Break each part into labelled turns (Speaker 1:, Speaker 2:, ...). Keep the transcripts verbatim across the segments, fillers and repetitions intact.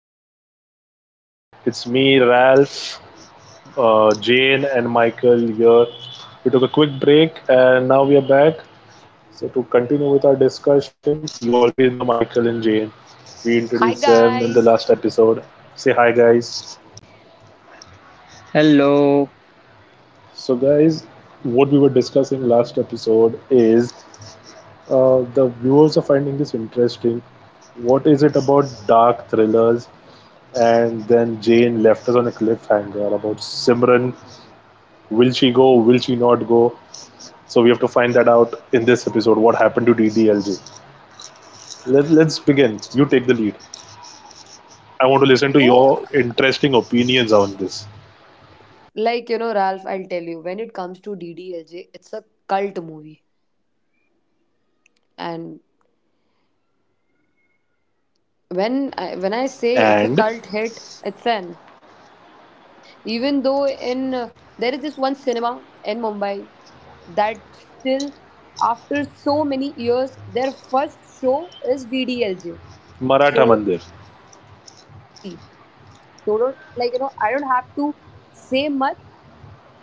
Speaker 1: two. It's me, Ralph, uh, Jane, and Michael here. We took a quick break and now we are back. So, to continue with our discussion, you already know Michael and Jane. We
Speaker 2: Hi
Speaker 1: introduced them in the
Speaker 2: guys.
Speaker 1: last episode. Say hi, guys.
Speaker 3: Hello.
Speaker 1: So, guys, what we were discussing last episode is uh, the viewers are finding this interesting. What is it about dark thrillers? And then Jane left us on a cliffhanger about Simran. Will she go? Will she not go? So we have to find that out in this episode. What happened to D D L J? Let, let's begin. You take the lead. I want to listen to
Speaker 2: So,
Speaker 1: your interesting opinions on this.
Speaker 2: like you know, Ralph, I'll tell you. When it comes to D D L J, it's a cult movie, and when I, when I say it's a
Speaker 1: And
Speaker 2: cult hit, it's an. Even though in uh, there is this one cinema in Mumbai that still, after so many years, their first show is D D L J.
Speaker 1: Maratha
Speaker 2: So
Speaker 1: Mandir.
Speaker 2: exactly. So don't like you know. I don't have to say much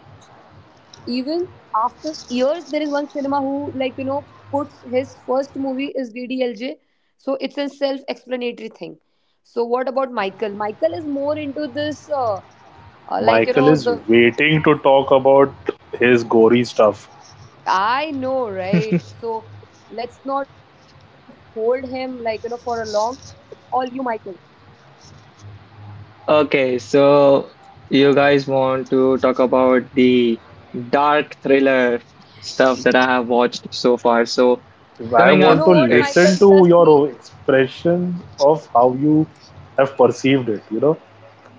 Speaker 2: even after years there is one cinema who like you know puts his first movie is ddlj, so it's a self explanatory thing. So what about michael? Michael is more into this uh, uh, like you
Speaker 1: Michael
Speaker 2: know
Speaker 1: is
Speaker 2: the,
Speaker 1: waiting to talk about his gory stuff.
Speaker 2: I know right? So let's not hold him like you know for a long, it's all you michael.
Speaker 3: Okay, so you guys want to talk about the dark thriller stuff that I have watched so far. So
Speaker 1: I
Speaker 3: coming
Speaker 1: want to
Speaker 3: up,
Speaker 1: listen to
Speaker 2: You
Speaker 3: it's
Speaker 2: know what
Speaker 1: your
Speaker 2: michael, trust me,
Speaker 1: expressions of how you have perceived it. You know,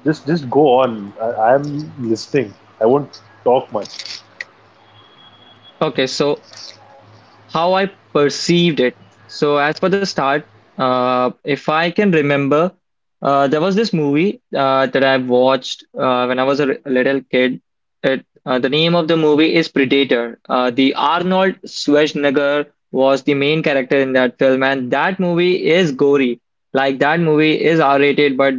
Speaker 1: just just go on. I, I am listening. I won't talk much.
Speaker 3: okay. So how I perceived it. So as for the start, uh, if I can remember, uh, there was this movie uh, that I watched uh, when I was a r- little kid. It, uh, the name of the movie is Predator. Uh, the Arnold Schwarzenegger was the main character in that film, and that movie is gory. Like that movie is R-rated, but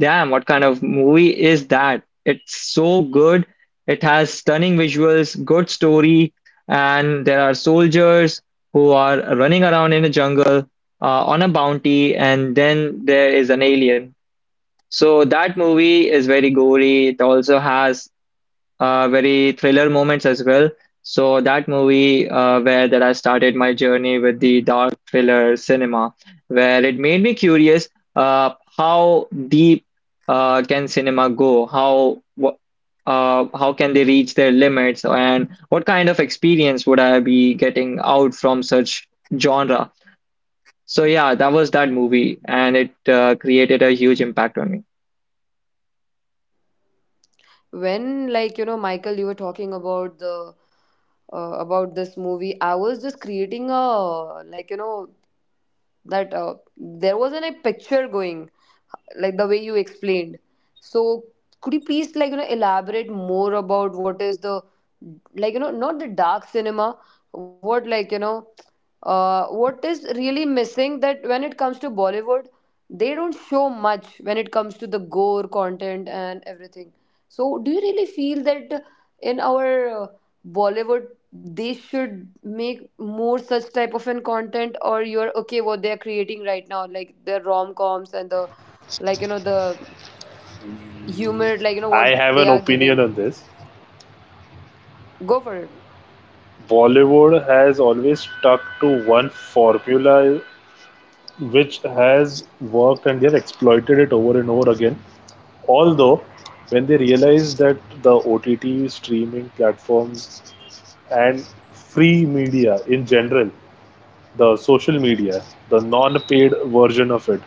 Speaker 3: damn, what kind of movie is that? It's so good. It has stunning visuals, good story, and there are soldiers who are running around in a jungle uh, on a bounty, and then there is an alien. So that movie is very gory. It also has uh, very thriller moments as well. So that movie uh, where that I started my journey with the dark thriller cinema, where it made me curious uh, how deep uh, can cinema go? How wh- uh, how can they reach their limits? And what kind of experience would I be getting out from such genre? So yeah, that was that movie, and it uh, created a huge impact on
Speaker 2: when like you know michael, you were talking about the uh, about this movie, I was just creating a, like you know that uh, there wasn't a picture going like the way you explained. So could you please like you know elaborate more about what is the, like you know not the dark cinema, what, like you know uh, what is really missing that when it comes to bollywood, they don't show much when it comes to the gore content and everything. So do you really feel that in our uh, bollywood they should make more such type of an content, or you're okay what they're creating right now, like the rom-coms and the, like you know the humor, like you know
Speaker 1: I
Speaker 2: what they
Speaker 1: have
Speaker 2: are
Speaker 1: an
Speaker 2: giving?
Speaker 1: opinion on this.
Speaker 2: Go for it.
Speaker 1: Bollywood has always stuck to one formula, which has worked, and they have exploited it over and over again. Although, when they realized that the O T T streaming platforms and free media in general, the social media, the non-paid version of it,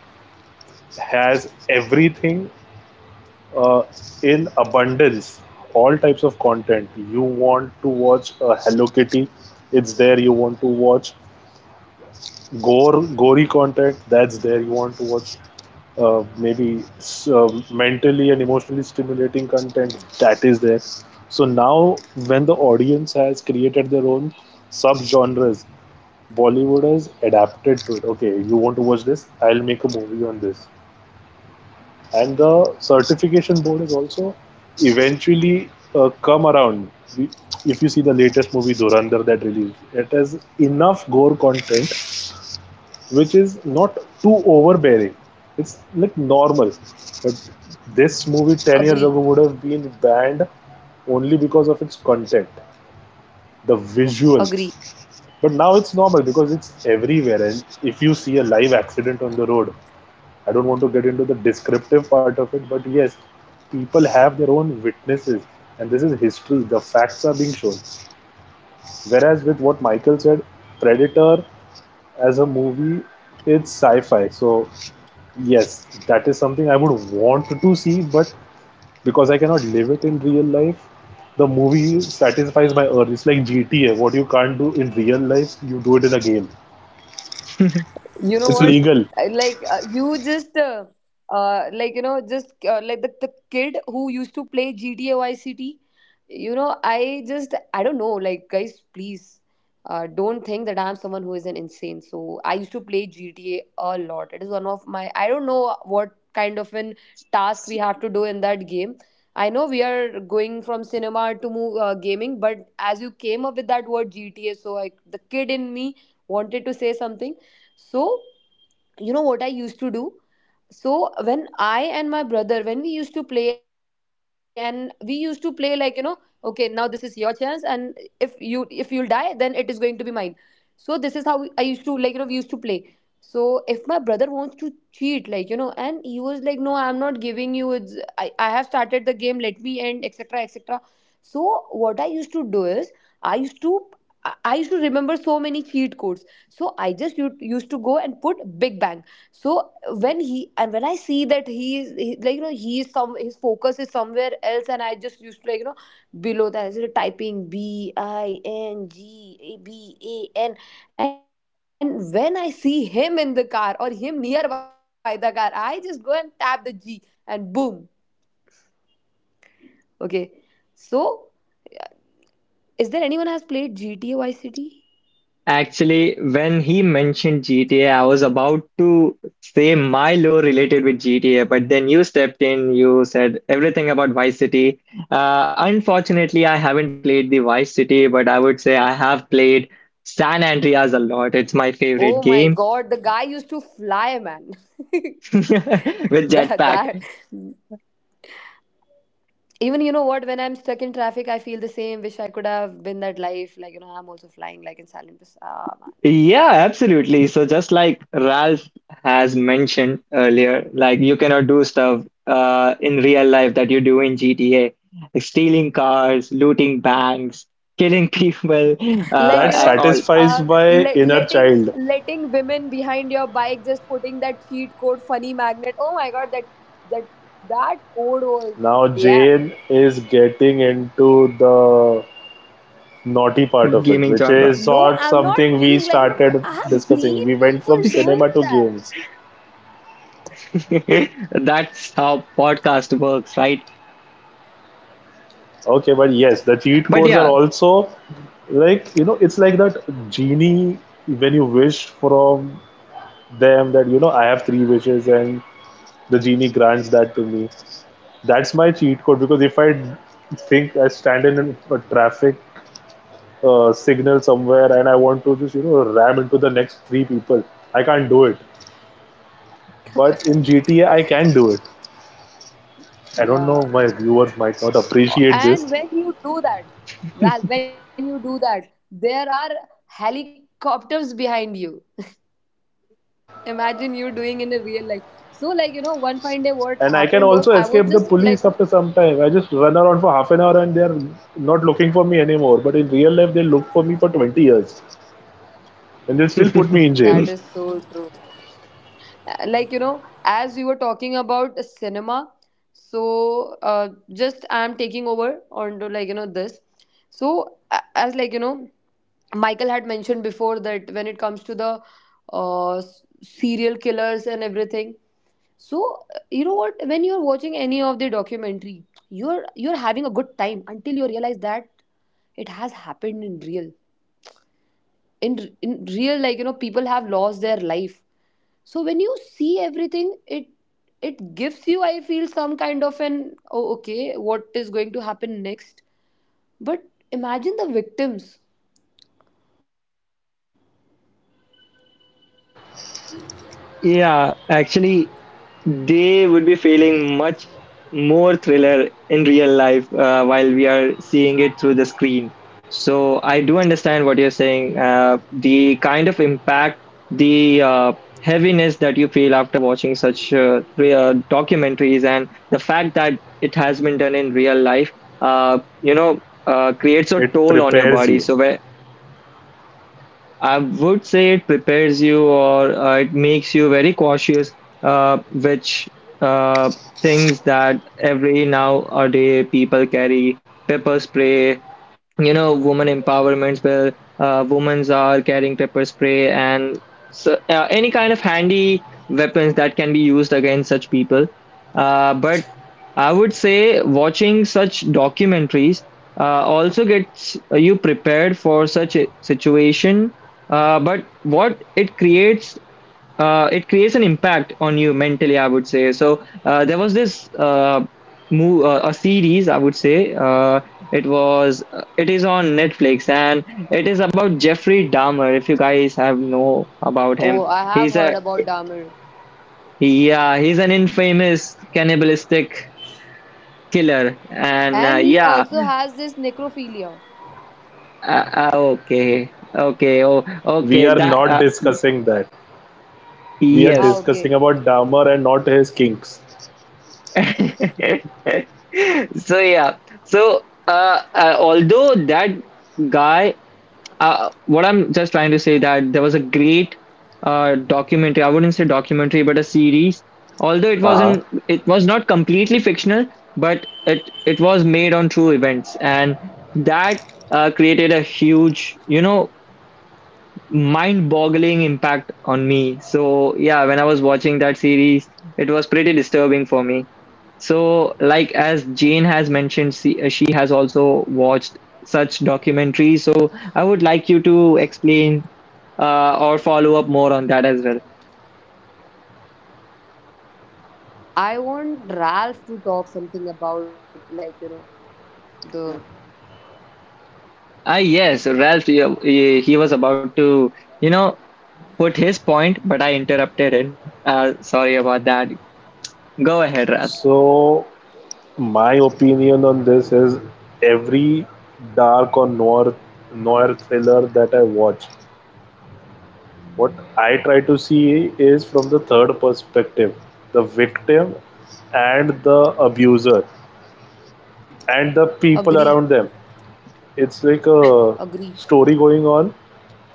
Speaker 1: has everything uh, in abundance. All types of content. You want to watch a Hello Kitty, it's there. You want to watch gore, gory content, that's there. You want to watch uh, maybe uh, mentally and emotionally stimulating content, that is there. So now, when the audience has created their own subgenres, Bollywood has adapted to it. Okay, you want to watch this? I'll make a movie on this. And the certification board is also eventually uh, come around. We- If you see the latest movie Durandar that released, it has enough gore content which is not too overbearing. It's like normal. But this movie ten years
Speaker 2: Agree.
Speaker 1: ago would have been banned only because of its content, the visuals.
Speaker 2: Agree.
Speaker 1: But now it's normal because it's everywhere. And if you see a live accident on the road, I don't want to get into the descriptive part of it, but yes, people have their own witnesses. And this is history. The facts are being shown. Whereas with what Michael said, Predator as a movie, it's sci fi. So, yes, that is something I would want to see, but because I cannot live it in real life, the movie satisfies my urge. It's like G T A. What you can't do in real life, you do it in a game.
Speaker 3: me.
Speaker 2: You know
Speaker 1: It's
Speaker 2: what?
Speaker 1: legal.
Speaker 2: I- like uh, you just uh, uh, like you know just uh, like the, the kid who used to play gta vice city. you know i just I don't know, like guys please, uh, don't think that I'm someone who is an insane. So I used to play gta a a lot, it is one of my, I don't know what kind of an task we have to do in that game. I know we are going from cinema to mo- uh, gaming, but as you came up with that word gta, so like the kid in me wanted to say something. So you know what I used to do? So when I and my brother, when we used to play, and we used to play like you know okay, now this is your chance, and if you if you'll die then it is going to be mine. So this is how I used to like you know we used to play. So if my brother wants to cheat, like you know and he was like no, I'm not giving you it's i, I have started the game, let me end, etc etc. So what I used to do is, i used to i I used to remember so many cheat codes. So I just u- used to go and put big bang. So when he and when I see that he is he, like you know he is, some, his focus is somewhere else, and I just used to like you know below that I started typing b I n g a b a n, and when I see him in the car or him nearby the car, I just go and tap the g, and boom. Okay. So is there anyone has played gta vice city?
Speaker 3: Actually, when he mentioned G T A, I was about to say my lore related with G T A, but then you stepped in, you said everything about Vice City. Uh, unfortunately, I haven't played the Vice City, but I would say I have played San Andreas a lot. It's
Speaker 2: Oh
Speaker 3: my
Speaker 2: my
Speaker 3: favorite
Speaker 2: god, the
Speaker 3: game
Speaker 2: guy used to fly man. that
Speaker 3: with
Speaker 2: that
Speaker 3: Jetpack.
Speaker 2: even you know what, when I'm stuck in traffic I feel the same, wish I could have been that life, like you know I'm also flying like in silent Pers- ah man.
Speaker 3: Yeah, absolutely. So just like Ralph has mentioned earlier, like you cannot do stuff uh, in real life that you do in G T A, like stealing cars, looting banks, killing people,
Speaker 2: like you
Speaker 1: That
Speaker 3: uh,
Speaker 2: know
Speaker 3: at all
Speaker 2: uh
Speaker 1: satisfies
Speaker 2: let,
Speaker 1: my inner
Speaker 2: letting
Speaker 1: child.
Speaker 2: letting women behind your bike, just putting that cheat code funny magnet, oh my god, that that that code was.
Speaker 1: Now
Speaker 2: Yeah.
Speaker 1: Jane is getting into the naughty part of it,
Speaker 3: gaming
Speaker 1: which
Speaker 3: genre.
Speaker 1: is
Speaker 2: No,
Speaker 1: not
Speaker 2: I'm not
Speaker 1: something we
Speaker 2: being like you know bro,
Speaker 1: started
Speaker 2: I have
Speaker 1: discussing.
Speaker 2: seen
Speaker 1: We went from
Speaker 2: people doing
Speaker 1: cinema to
Speaker 2: that.
Speaker 1: games.
Speaker 3: That's how podcast works, right?
Speaker 1: Okay, but yes, the cheat
Speaker 3: But
Speaker 1: codes are
Speaker 3: yeah,
Speaker 1: also, like you know, it's like that genie when you wish from them that you know I have three wishes and the genie grants that to me. That's my cheat code because if I think I stand in a traffic uh, signal somewhere and I want to just you know ram into the next three people. I can't do it. But in G T A, I can do it. I don't
Speaker 2: Yeah.
Speaker 1: know. My viewers might not
Speaker 2: Oh,
Speaker 1: appreciate this.
Speaker 2: and when you do that Ralph, when you do that there are helicopters behind you, imagine you doing in a real life. So, like, you know, one fine day, what
Speaker 1: And I can
Speaker 2: happened
Speaker 1: also
Speaker 2: was I
Speaker 1: escape
Speaker 2: was
Speaker 1: the
Speaker 2: just
Speaker 1: police
Speaker 2: like, you
Speaker 1: after some time. I just run around for half an hour and they're not looking for me anymore. But in real life, they look for me for twenty years and they'll still put me in
Speaker 2: know,
Speaker 1: jail.
Speaker 2: that is so true. Uh, Like, you know, as we were talking about cinema, so uh, just I'm taking over onto like, you know, this. So, a- as like, you know, Michael had mentioned before that when it comes to the uh, s- serial killers and everything, so you know what, when you're watching any of the documentary, you're you're having a good time until you realize that it has happened in real, in in real, like you know people have lost their life. So when you see everything, it it gives you, I feel some kind of an oh okay, what is going to happen next? But imagine the victims.
Speaker 3: yeah, actually, they would be feeling much more thriller in real life uh, while we are seeing it through the screen. So I do understand what you're saying. Uh, the kind of impact, the uh, heaviness that you feel after watching such uh, three, uh, documentaries, and the fact that it has been done in real life, uh, you know, uh, creates a
Speaker 1: It
Speaker 3: toll on your
Speaker 1: prepares
Speaker 3: body.
Speaker 1: you.
Speaker 3: So I would say it prepares you or uh, it makes you very cautious, uh, which uh, things that every nowadays people carry pepper spray, you know, women empowerments where uh, women are carrying pepper spray and so, uh, any kind of handy weapons that can be used against such people. Uh, but I would say watching such documentaries uh, also gets you prepared for such a situation. Uh, but what it creates, uh, it creates an impact on you mentally, I would say. So uh, there was this uh, move, uh, a series, I would say. Uh, it was, uh, it is on Netflix, and it is about Jeffrey Dahmer. If you guys have know about him,
Speaker 2: Oh,
Speaker 3: he's
Speaker 2: I
Speaker 3: a
Speaker 2: have heard about dahmer.
Speaker 3: yeah, he's an infamous cannibalistic killer, and uh, yeah,
Speaker 2: And he also has this necrophilia.
Speaker 3: uh, uh, okay, okay, oh,
Speaker 1: We are
Speaker 3: okay,
Speaker 1: not
Speaker 3: that uh,
Speaker 1: discussing that. We are
Speaker 2: Ah
Speaker 3: yes.
Speaker 2: okay.
Speaker 1: discussing about Dahmer and not his kinks.
Speaker 3: So yeah, so uh, uh, although that guy, uh, what I'm just trying to say that there was a great uh, documentary. I wouldn't say documentary, but a series. Although it
Speaker 1: Uh huh.
Speaker 3: wasn't, it was not completely fictional, but it it was made on true events, and that uh, created a huge, you know, mind-boggling impact on me. So yeah, when I was watching that series, it was pretty disturbing for me. So like as Jane has mentioned, she, uh, she has also watched such documentaries. So I would like you to explain uh, or follow up more on that as well.
Speaker 2: I want Ralph to talk something about like you know the.
Speaker 3: Ah yes, Ralph, he, he he was about to, you know, put his point, but I interrupted him. Uh, sorry about that. Go ahead, Ralph.
Speaker 1: So my opinion on this is every dark or noir noir thriller that I watch, what I try to see is from the third perspective, the victim and the abuser and the people
Speaker 2: Agree,
Speaker 1: around them. It's like a
Speaker 2: agree,
Speaker 1: story going on,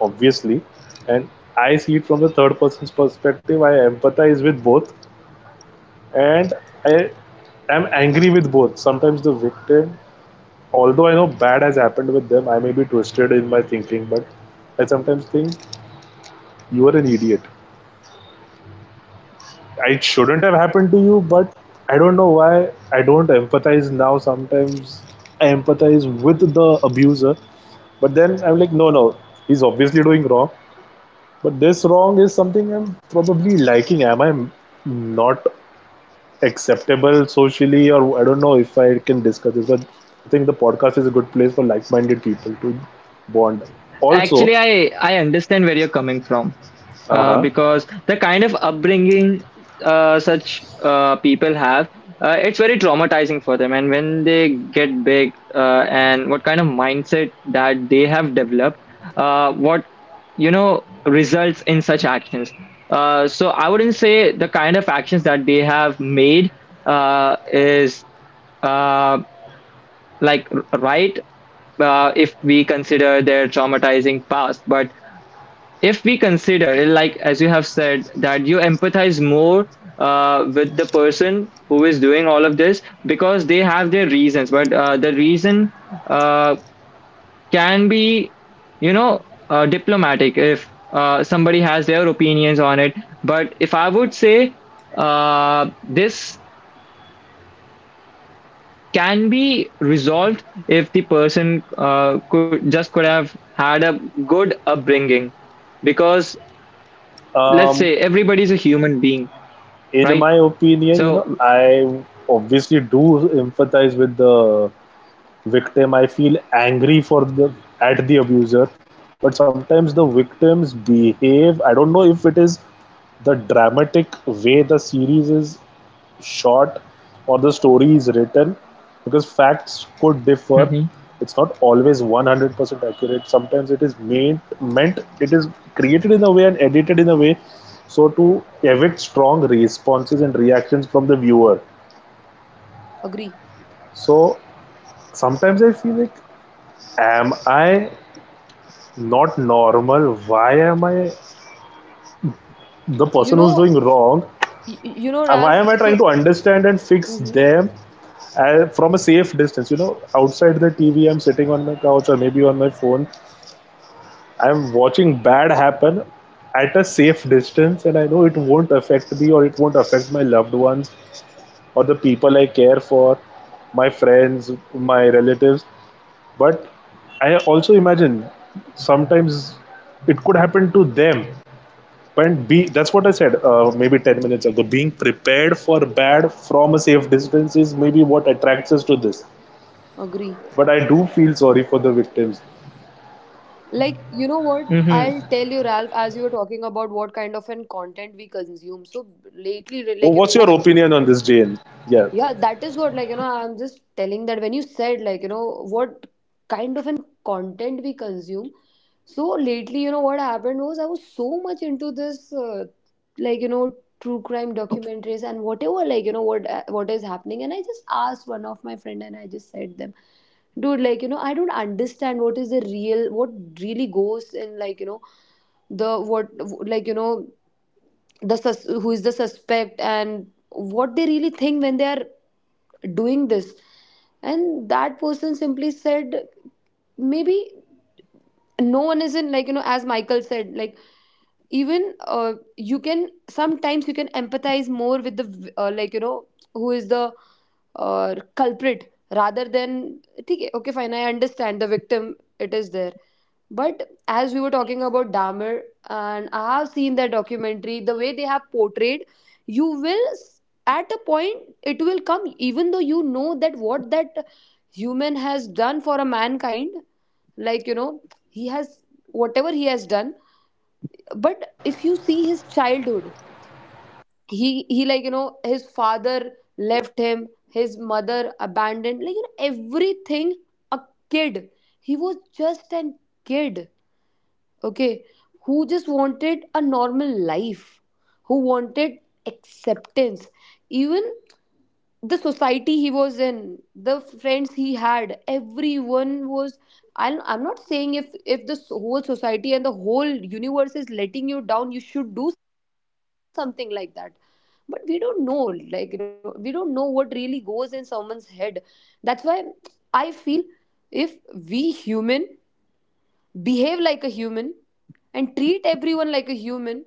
Speaker 1: obviously, and I see it from the third person's perspective. I empathize with both, and I am angry with both. Sometimes the victim, although I know bad has happened with them, I may be twisted in my thinking, but I sometimes think you are an idiot. It shouldn't have happened to you, but I don't know why I don't empathize now. Sometimes I empathize with the abuser, but then I'm like, no, no, he's obviously doing wrong. But this wrong is something I'm probably liking. Am I not acceptable socially? Or I don't know if I can discuss this, but I think the podcast is a good place for like-minded people to bond also.
Speaker 3: Actually, I I understand where you're coming from. Uh,
Speaker 1: Uh-huh.
Speaker 3: because the kind of upbringing uh, such uh, people have, uh, it's very traumatizing for them. And when they get big, uh, and what kind of mindset that they have developed, uh, what you know results in such actions. Uh, so I wouldn't say the kind of actions that they have made uh, is, uh, like r- right uh, if we consider their traumatizing past, but if we consider like as you have said that you empathize more uh, with the person who is doing all of this because they have their reasons, but uh, the reason uh, can be, you know, uh, diplomatic if uh, somebody has their opinions on it. But if I would say uh, this can be resolved if the person uh, could just could have had a good upbringing, because let's
Speaker 1: Um,
Speaker 3: say everybody's a human being,
Speaker 1: in my
Speaker 3: right?
Speaker 1: opinion, you know,
Speaker 3: So,
Speaker 1: I obviously do empathize with the victim. I feel angry for the, at the abuser, but sometimes the victims behave, I don't know if it is the dramatic way the series is shot or the story is written, because facts could differ.
Speaker 3: mhm,
Speaker 1: It's not always one hundred percent accurate. Sometimes it is made, meant, it is created in a way and edited in a way, so to evict strong responses and reactions from the viewer.
Speaker 2: agree.
Speaker 1: So sometimes I feel like, am I not normal? Why am I the
Speaker 2: You
Speaker 1: person who's
Speaker 2: know,
Speaker 1: doing wrong?
Speaker 2: y- y- you know
Speaker 1: Uh, Why
Speaker 2: Ralph.
Speaker 1: am I trying
Speaker 2: So.
Speaker 1: to understand and fix
Speaker 2: Mhm.
Speaker 1: them uh, from a safe distance? You know, outside the T V, I'm sitting on my couch or maybe on my phone. I'm watching bad happen at a safe distance, and I know it won't affect me or it won't affect my loved ones or the people I care for, my friends, my relatives. But I also imagine sometimes it could happen to them. And be that's what I said uh, maybe ten minutes ago. Being prepared for bad from a safe distance is maybe what attracts us to this.
Speaker 2: Agree.
Speaker 1: But I do feel sorry for the victims.
Speaker 2: Like you know what? I'll
Speaker 3: mhm.
Speaker 2: tell you, Ralph. As you were talking about what kind of an content we consume. So lately,
Speaker 1: Wha-
Speaker 2: like you
Speaker 1: What's
Speaker 2: know
Speaker 1: your
Speaker 2: what?
Speaker 1: opinion on this, Jane? Yeah.
Speaker 2: Yeah, that is what, like, you know, I'm just telling that when you said, like, you know, what kind of an content we consume. So lately, you know, what happened was I was so much into this, uh, like, you know, true crime documentaries and whatever, like, you know, what uh, what is happening. And I just asked one of my friend and I just said them, dude, like, you know, I don't understand what is the real, what really goes in, like, you know, the what like you know the sus- who is the suspect and what they really think when they are doing this. And that person simply said maybe no one is in, like you know as michael said, like even uh, you can sometimes you can empathize more with the uh, like you know who is the uh, culprit, rather than okay okay fine, I understand the victim, it is there. But as we were talking about Dahmer, and I have seen that documentary, the way they have portrayed, you will, s- at a point, it will come, even though you know that what that human has done for a mankind, like, you know, he has, whatever he has done. But if you see his childhood, he, he like, you know, his father left him, his mother abandoned, like, you know, everything, a kid. He was just an kid, okay, who just wanted a normal life, who wanted acceptance. Even the society he was in, the friends he had, everyone was, i'm, I'm not saying if if the whole society and the whole universe is letting you down you should do something like that, but we don't know, like you know, we don't know what really goes in someone's head. That's why I feel if we human behave like a human and treat everyone like a human,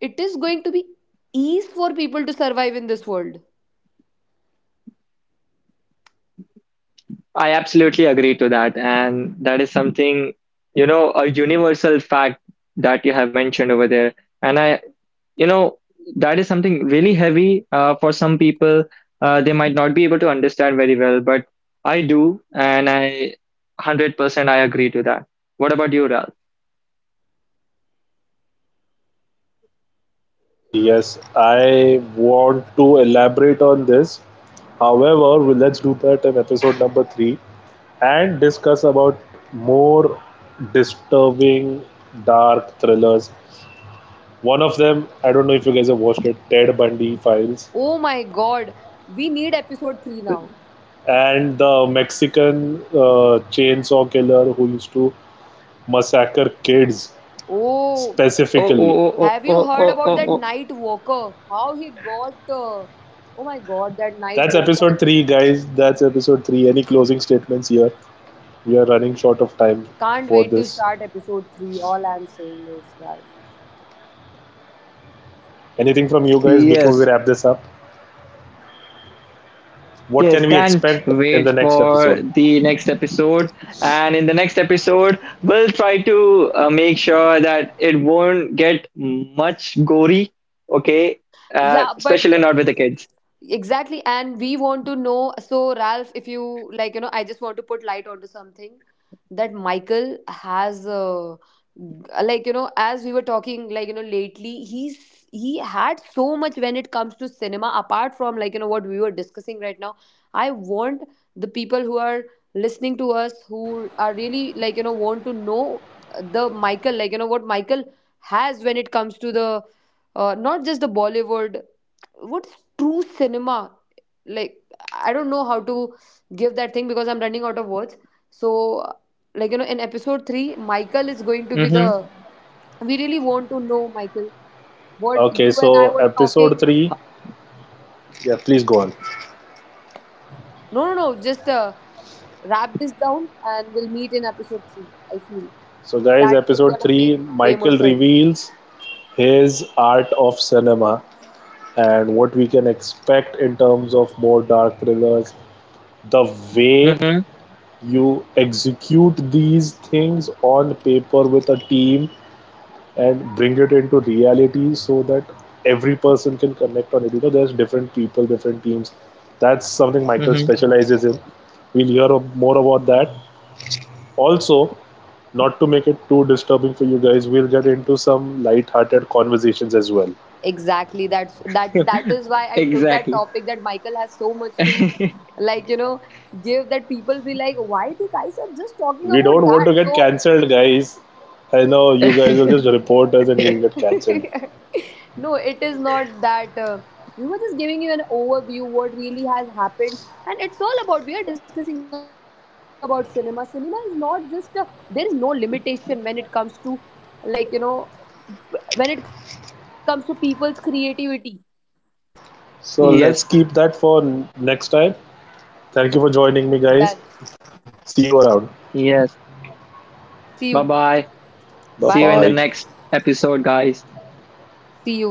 Speaker 2: it is going to be ease for people to survive in this world.
Speaker 3: I absolutely agree to that. And that is something, you know, a universal fact that you have mentioned over there. And I, you know, that is something really heavy uh, for some people. Uh, they might not be able to understand very well, but I do. And I one hundred percent I agree to that. What about you, Ralph?
Speaker 1: Oh, yes. I want to elaborate on this. However, we- let's do that in episode number three and discuss about more disturbing dark thrillers. One of them, I don't know if you guys have watched it, Ted Bundy Files.
Speaker 2: Oh my god, we need episode three now.
Speaker 1: And the Mexican uh, chainsaw killer who used to massacre kids
Speaker 2: Oh,
Speaker 3: Oh,
Speaker 1: specifically.
Speaker 3: oh, oh, oh,
Speaker 2: have you
Speaker 3: oh,
Speaker 2: heard
Speaker 3: oh,
Speaker 2: about
Speaker 3: oh,
Speaker 2: that
Speaker 3: oh.
Speaker 2: night walker? How he got. Uh, oh my god, that night
Speaker 1: That's episode
Speaker 2: walker.
Speaker 1: three, guys. That's episode three. Any closing statements here? We are running short of time
Speaker 2: Can't
Speaker 1: for
Speaker 2: wait to
Speaker 1: this.
Speaker 2: start episode three. All I'm saying is, Ralph.
Speaker 1: Anything from you guys before we
Speaker 3: Yes,
Speaker 1: wrap this up? What
Speaker 3: yes,
Speaker 1: can we
Speaker 3: can't
Speaker 1: expect in the
Speaker 3: wait
Speaker 1: next
Speaker 3: for
Speaker 1: episode?
Speaker 3: the next episode. And in the next episode, we'll try to uh, make sure that it won't get much gory, okay? Uh,
Speaker 2: Yeah, but
Speaker 3: especially not with the kids.
Speaker 2: exactly, and we want to know. So, Ralph, if you like, you know, I just want to put light onto something that Michael has, uh, like, you know, as we were talking, like, you know, lately, he's he had so much when it comes to cinema. Apart from like, you know, what we were discussing right now, I want the people who are listening to us who are really like, you know, want to know the Michael, like, you know, what Michael has when it comes to the uh, not just the Bollywood, what's true cinema, like I don't know how to give that thing because I'm running out of words. So like you know in episode three michael is going to be the,
Speaker 3: Mm-hmm,
Speaker 2: we really want to know michael what
Speaker 1: Okay,
Speaker 2: you and I
Speaker 1: so
Speaker 2: were talking.
Speaker 1: episode three. Yeah, please go on.
Speaker 2: No no no, just uh, wrap this down and we'll meet in episode three I feel
Speaker 1: So, guys,
Speaker 2: that will
Speaker 1: episode
Speaker 2: gonna
Speaker 1: three,
Speaker 2: make way more
Speaker 1: Michael
Speaker 2: sense.
Speaker 1: reveals his art of cinema and what we can expect in terms of more dark thrillers, the way you execute these things on paper with a team and bring it into reality so that every person can connect on it. You know, there's different people, different teams. That's something Michael
Speaker 3: mm-hmm,
Speaker 1: specializes in. We'll hear more about that also. Not to make it too disturbing for you guys, we'll get into some light-hearted conversations as well.
Speaker 2: Exactly, that's that that
Speaker 3: mm-hmm.
Speaker 2: is why I took that
Speaker 3: Exactly.
Speaker 2: topic, that michael has so much to like you know give. That people be like why the guys are just talking
Speaker 1: We
Speaker 2: about
Speaker 1: don't want to
Speaker 2: that.
Speaker 1: get
Speaker 2: So.
Speaker 1: cancelled, guys. I know you guys will just report us and we'll get cancelled.
Speaker 2: No it is not that, uh, we were just giving you an overview what really has happened, and it's all about, we are discussing about cinema, cinema is not just a, there is no limitation when it comes to like you know when it comes to people's creativity.
Speaker 1: So let's
Speaker 3: Yes,
Speaker 1: keep that for next time. Thank you for
Speaker 2: Done.
Speaker 1: joining me, guys. See you around.
Speaker 3: yes.
Speaker 2: See you.
Speaker 3: Bye-bye.
Speaker 1: Bye
Speaker 3: See
Speaker 2: Bye.
Speaker 3: you
Speaker 1: bye.
Speaker 3: in the next episode, guys.
Speaker 2: See you.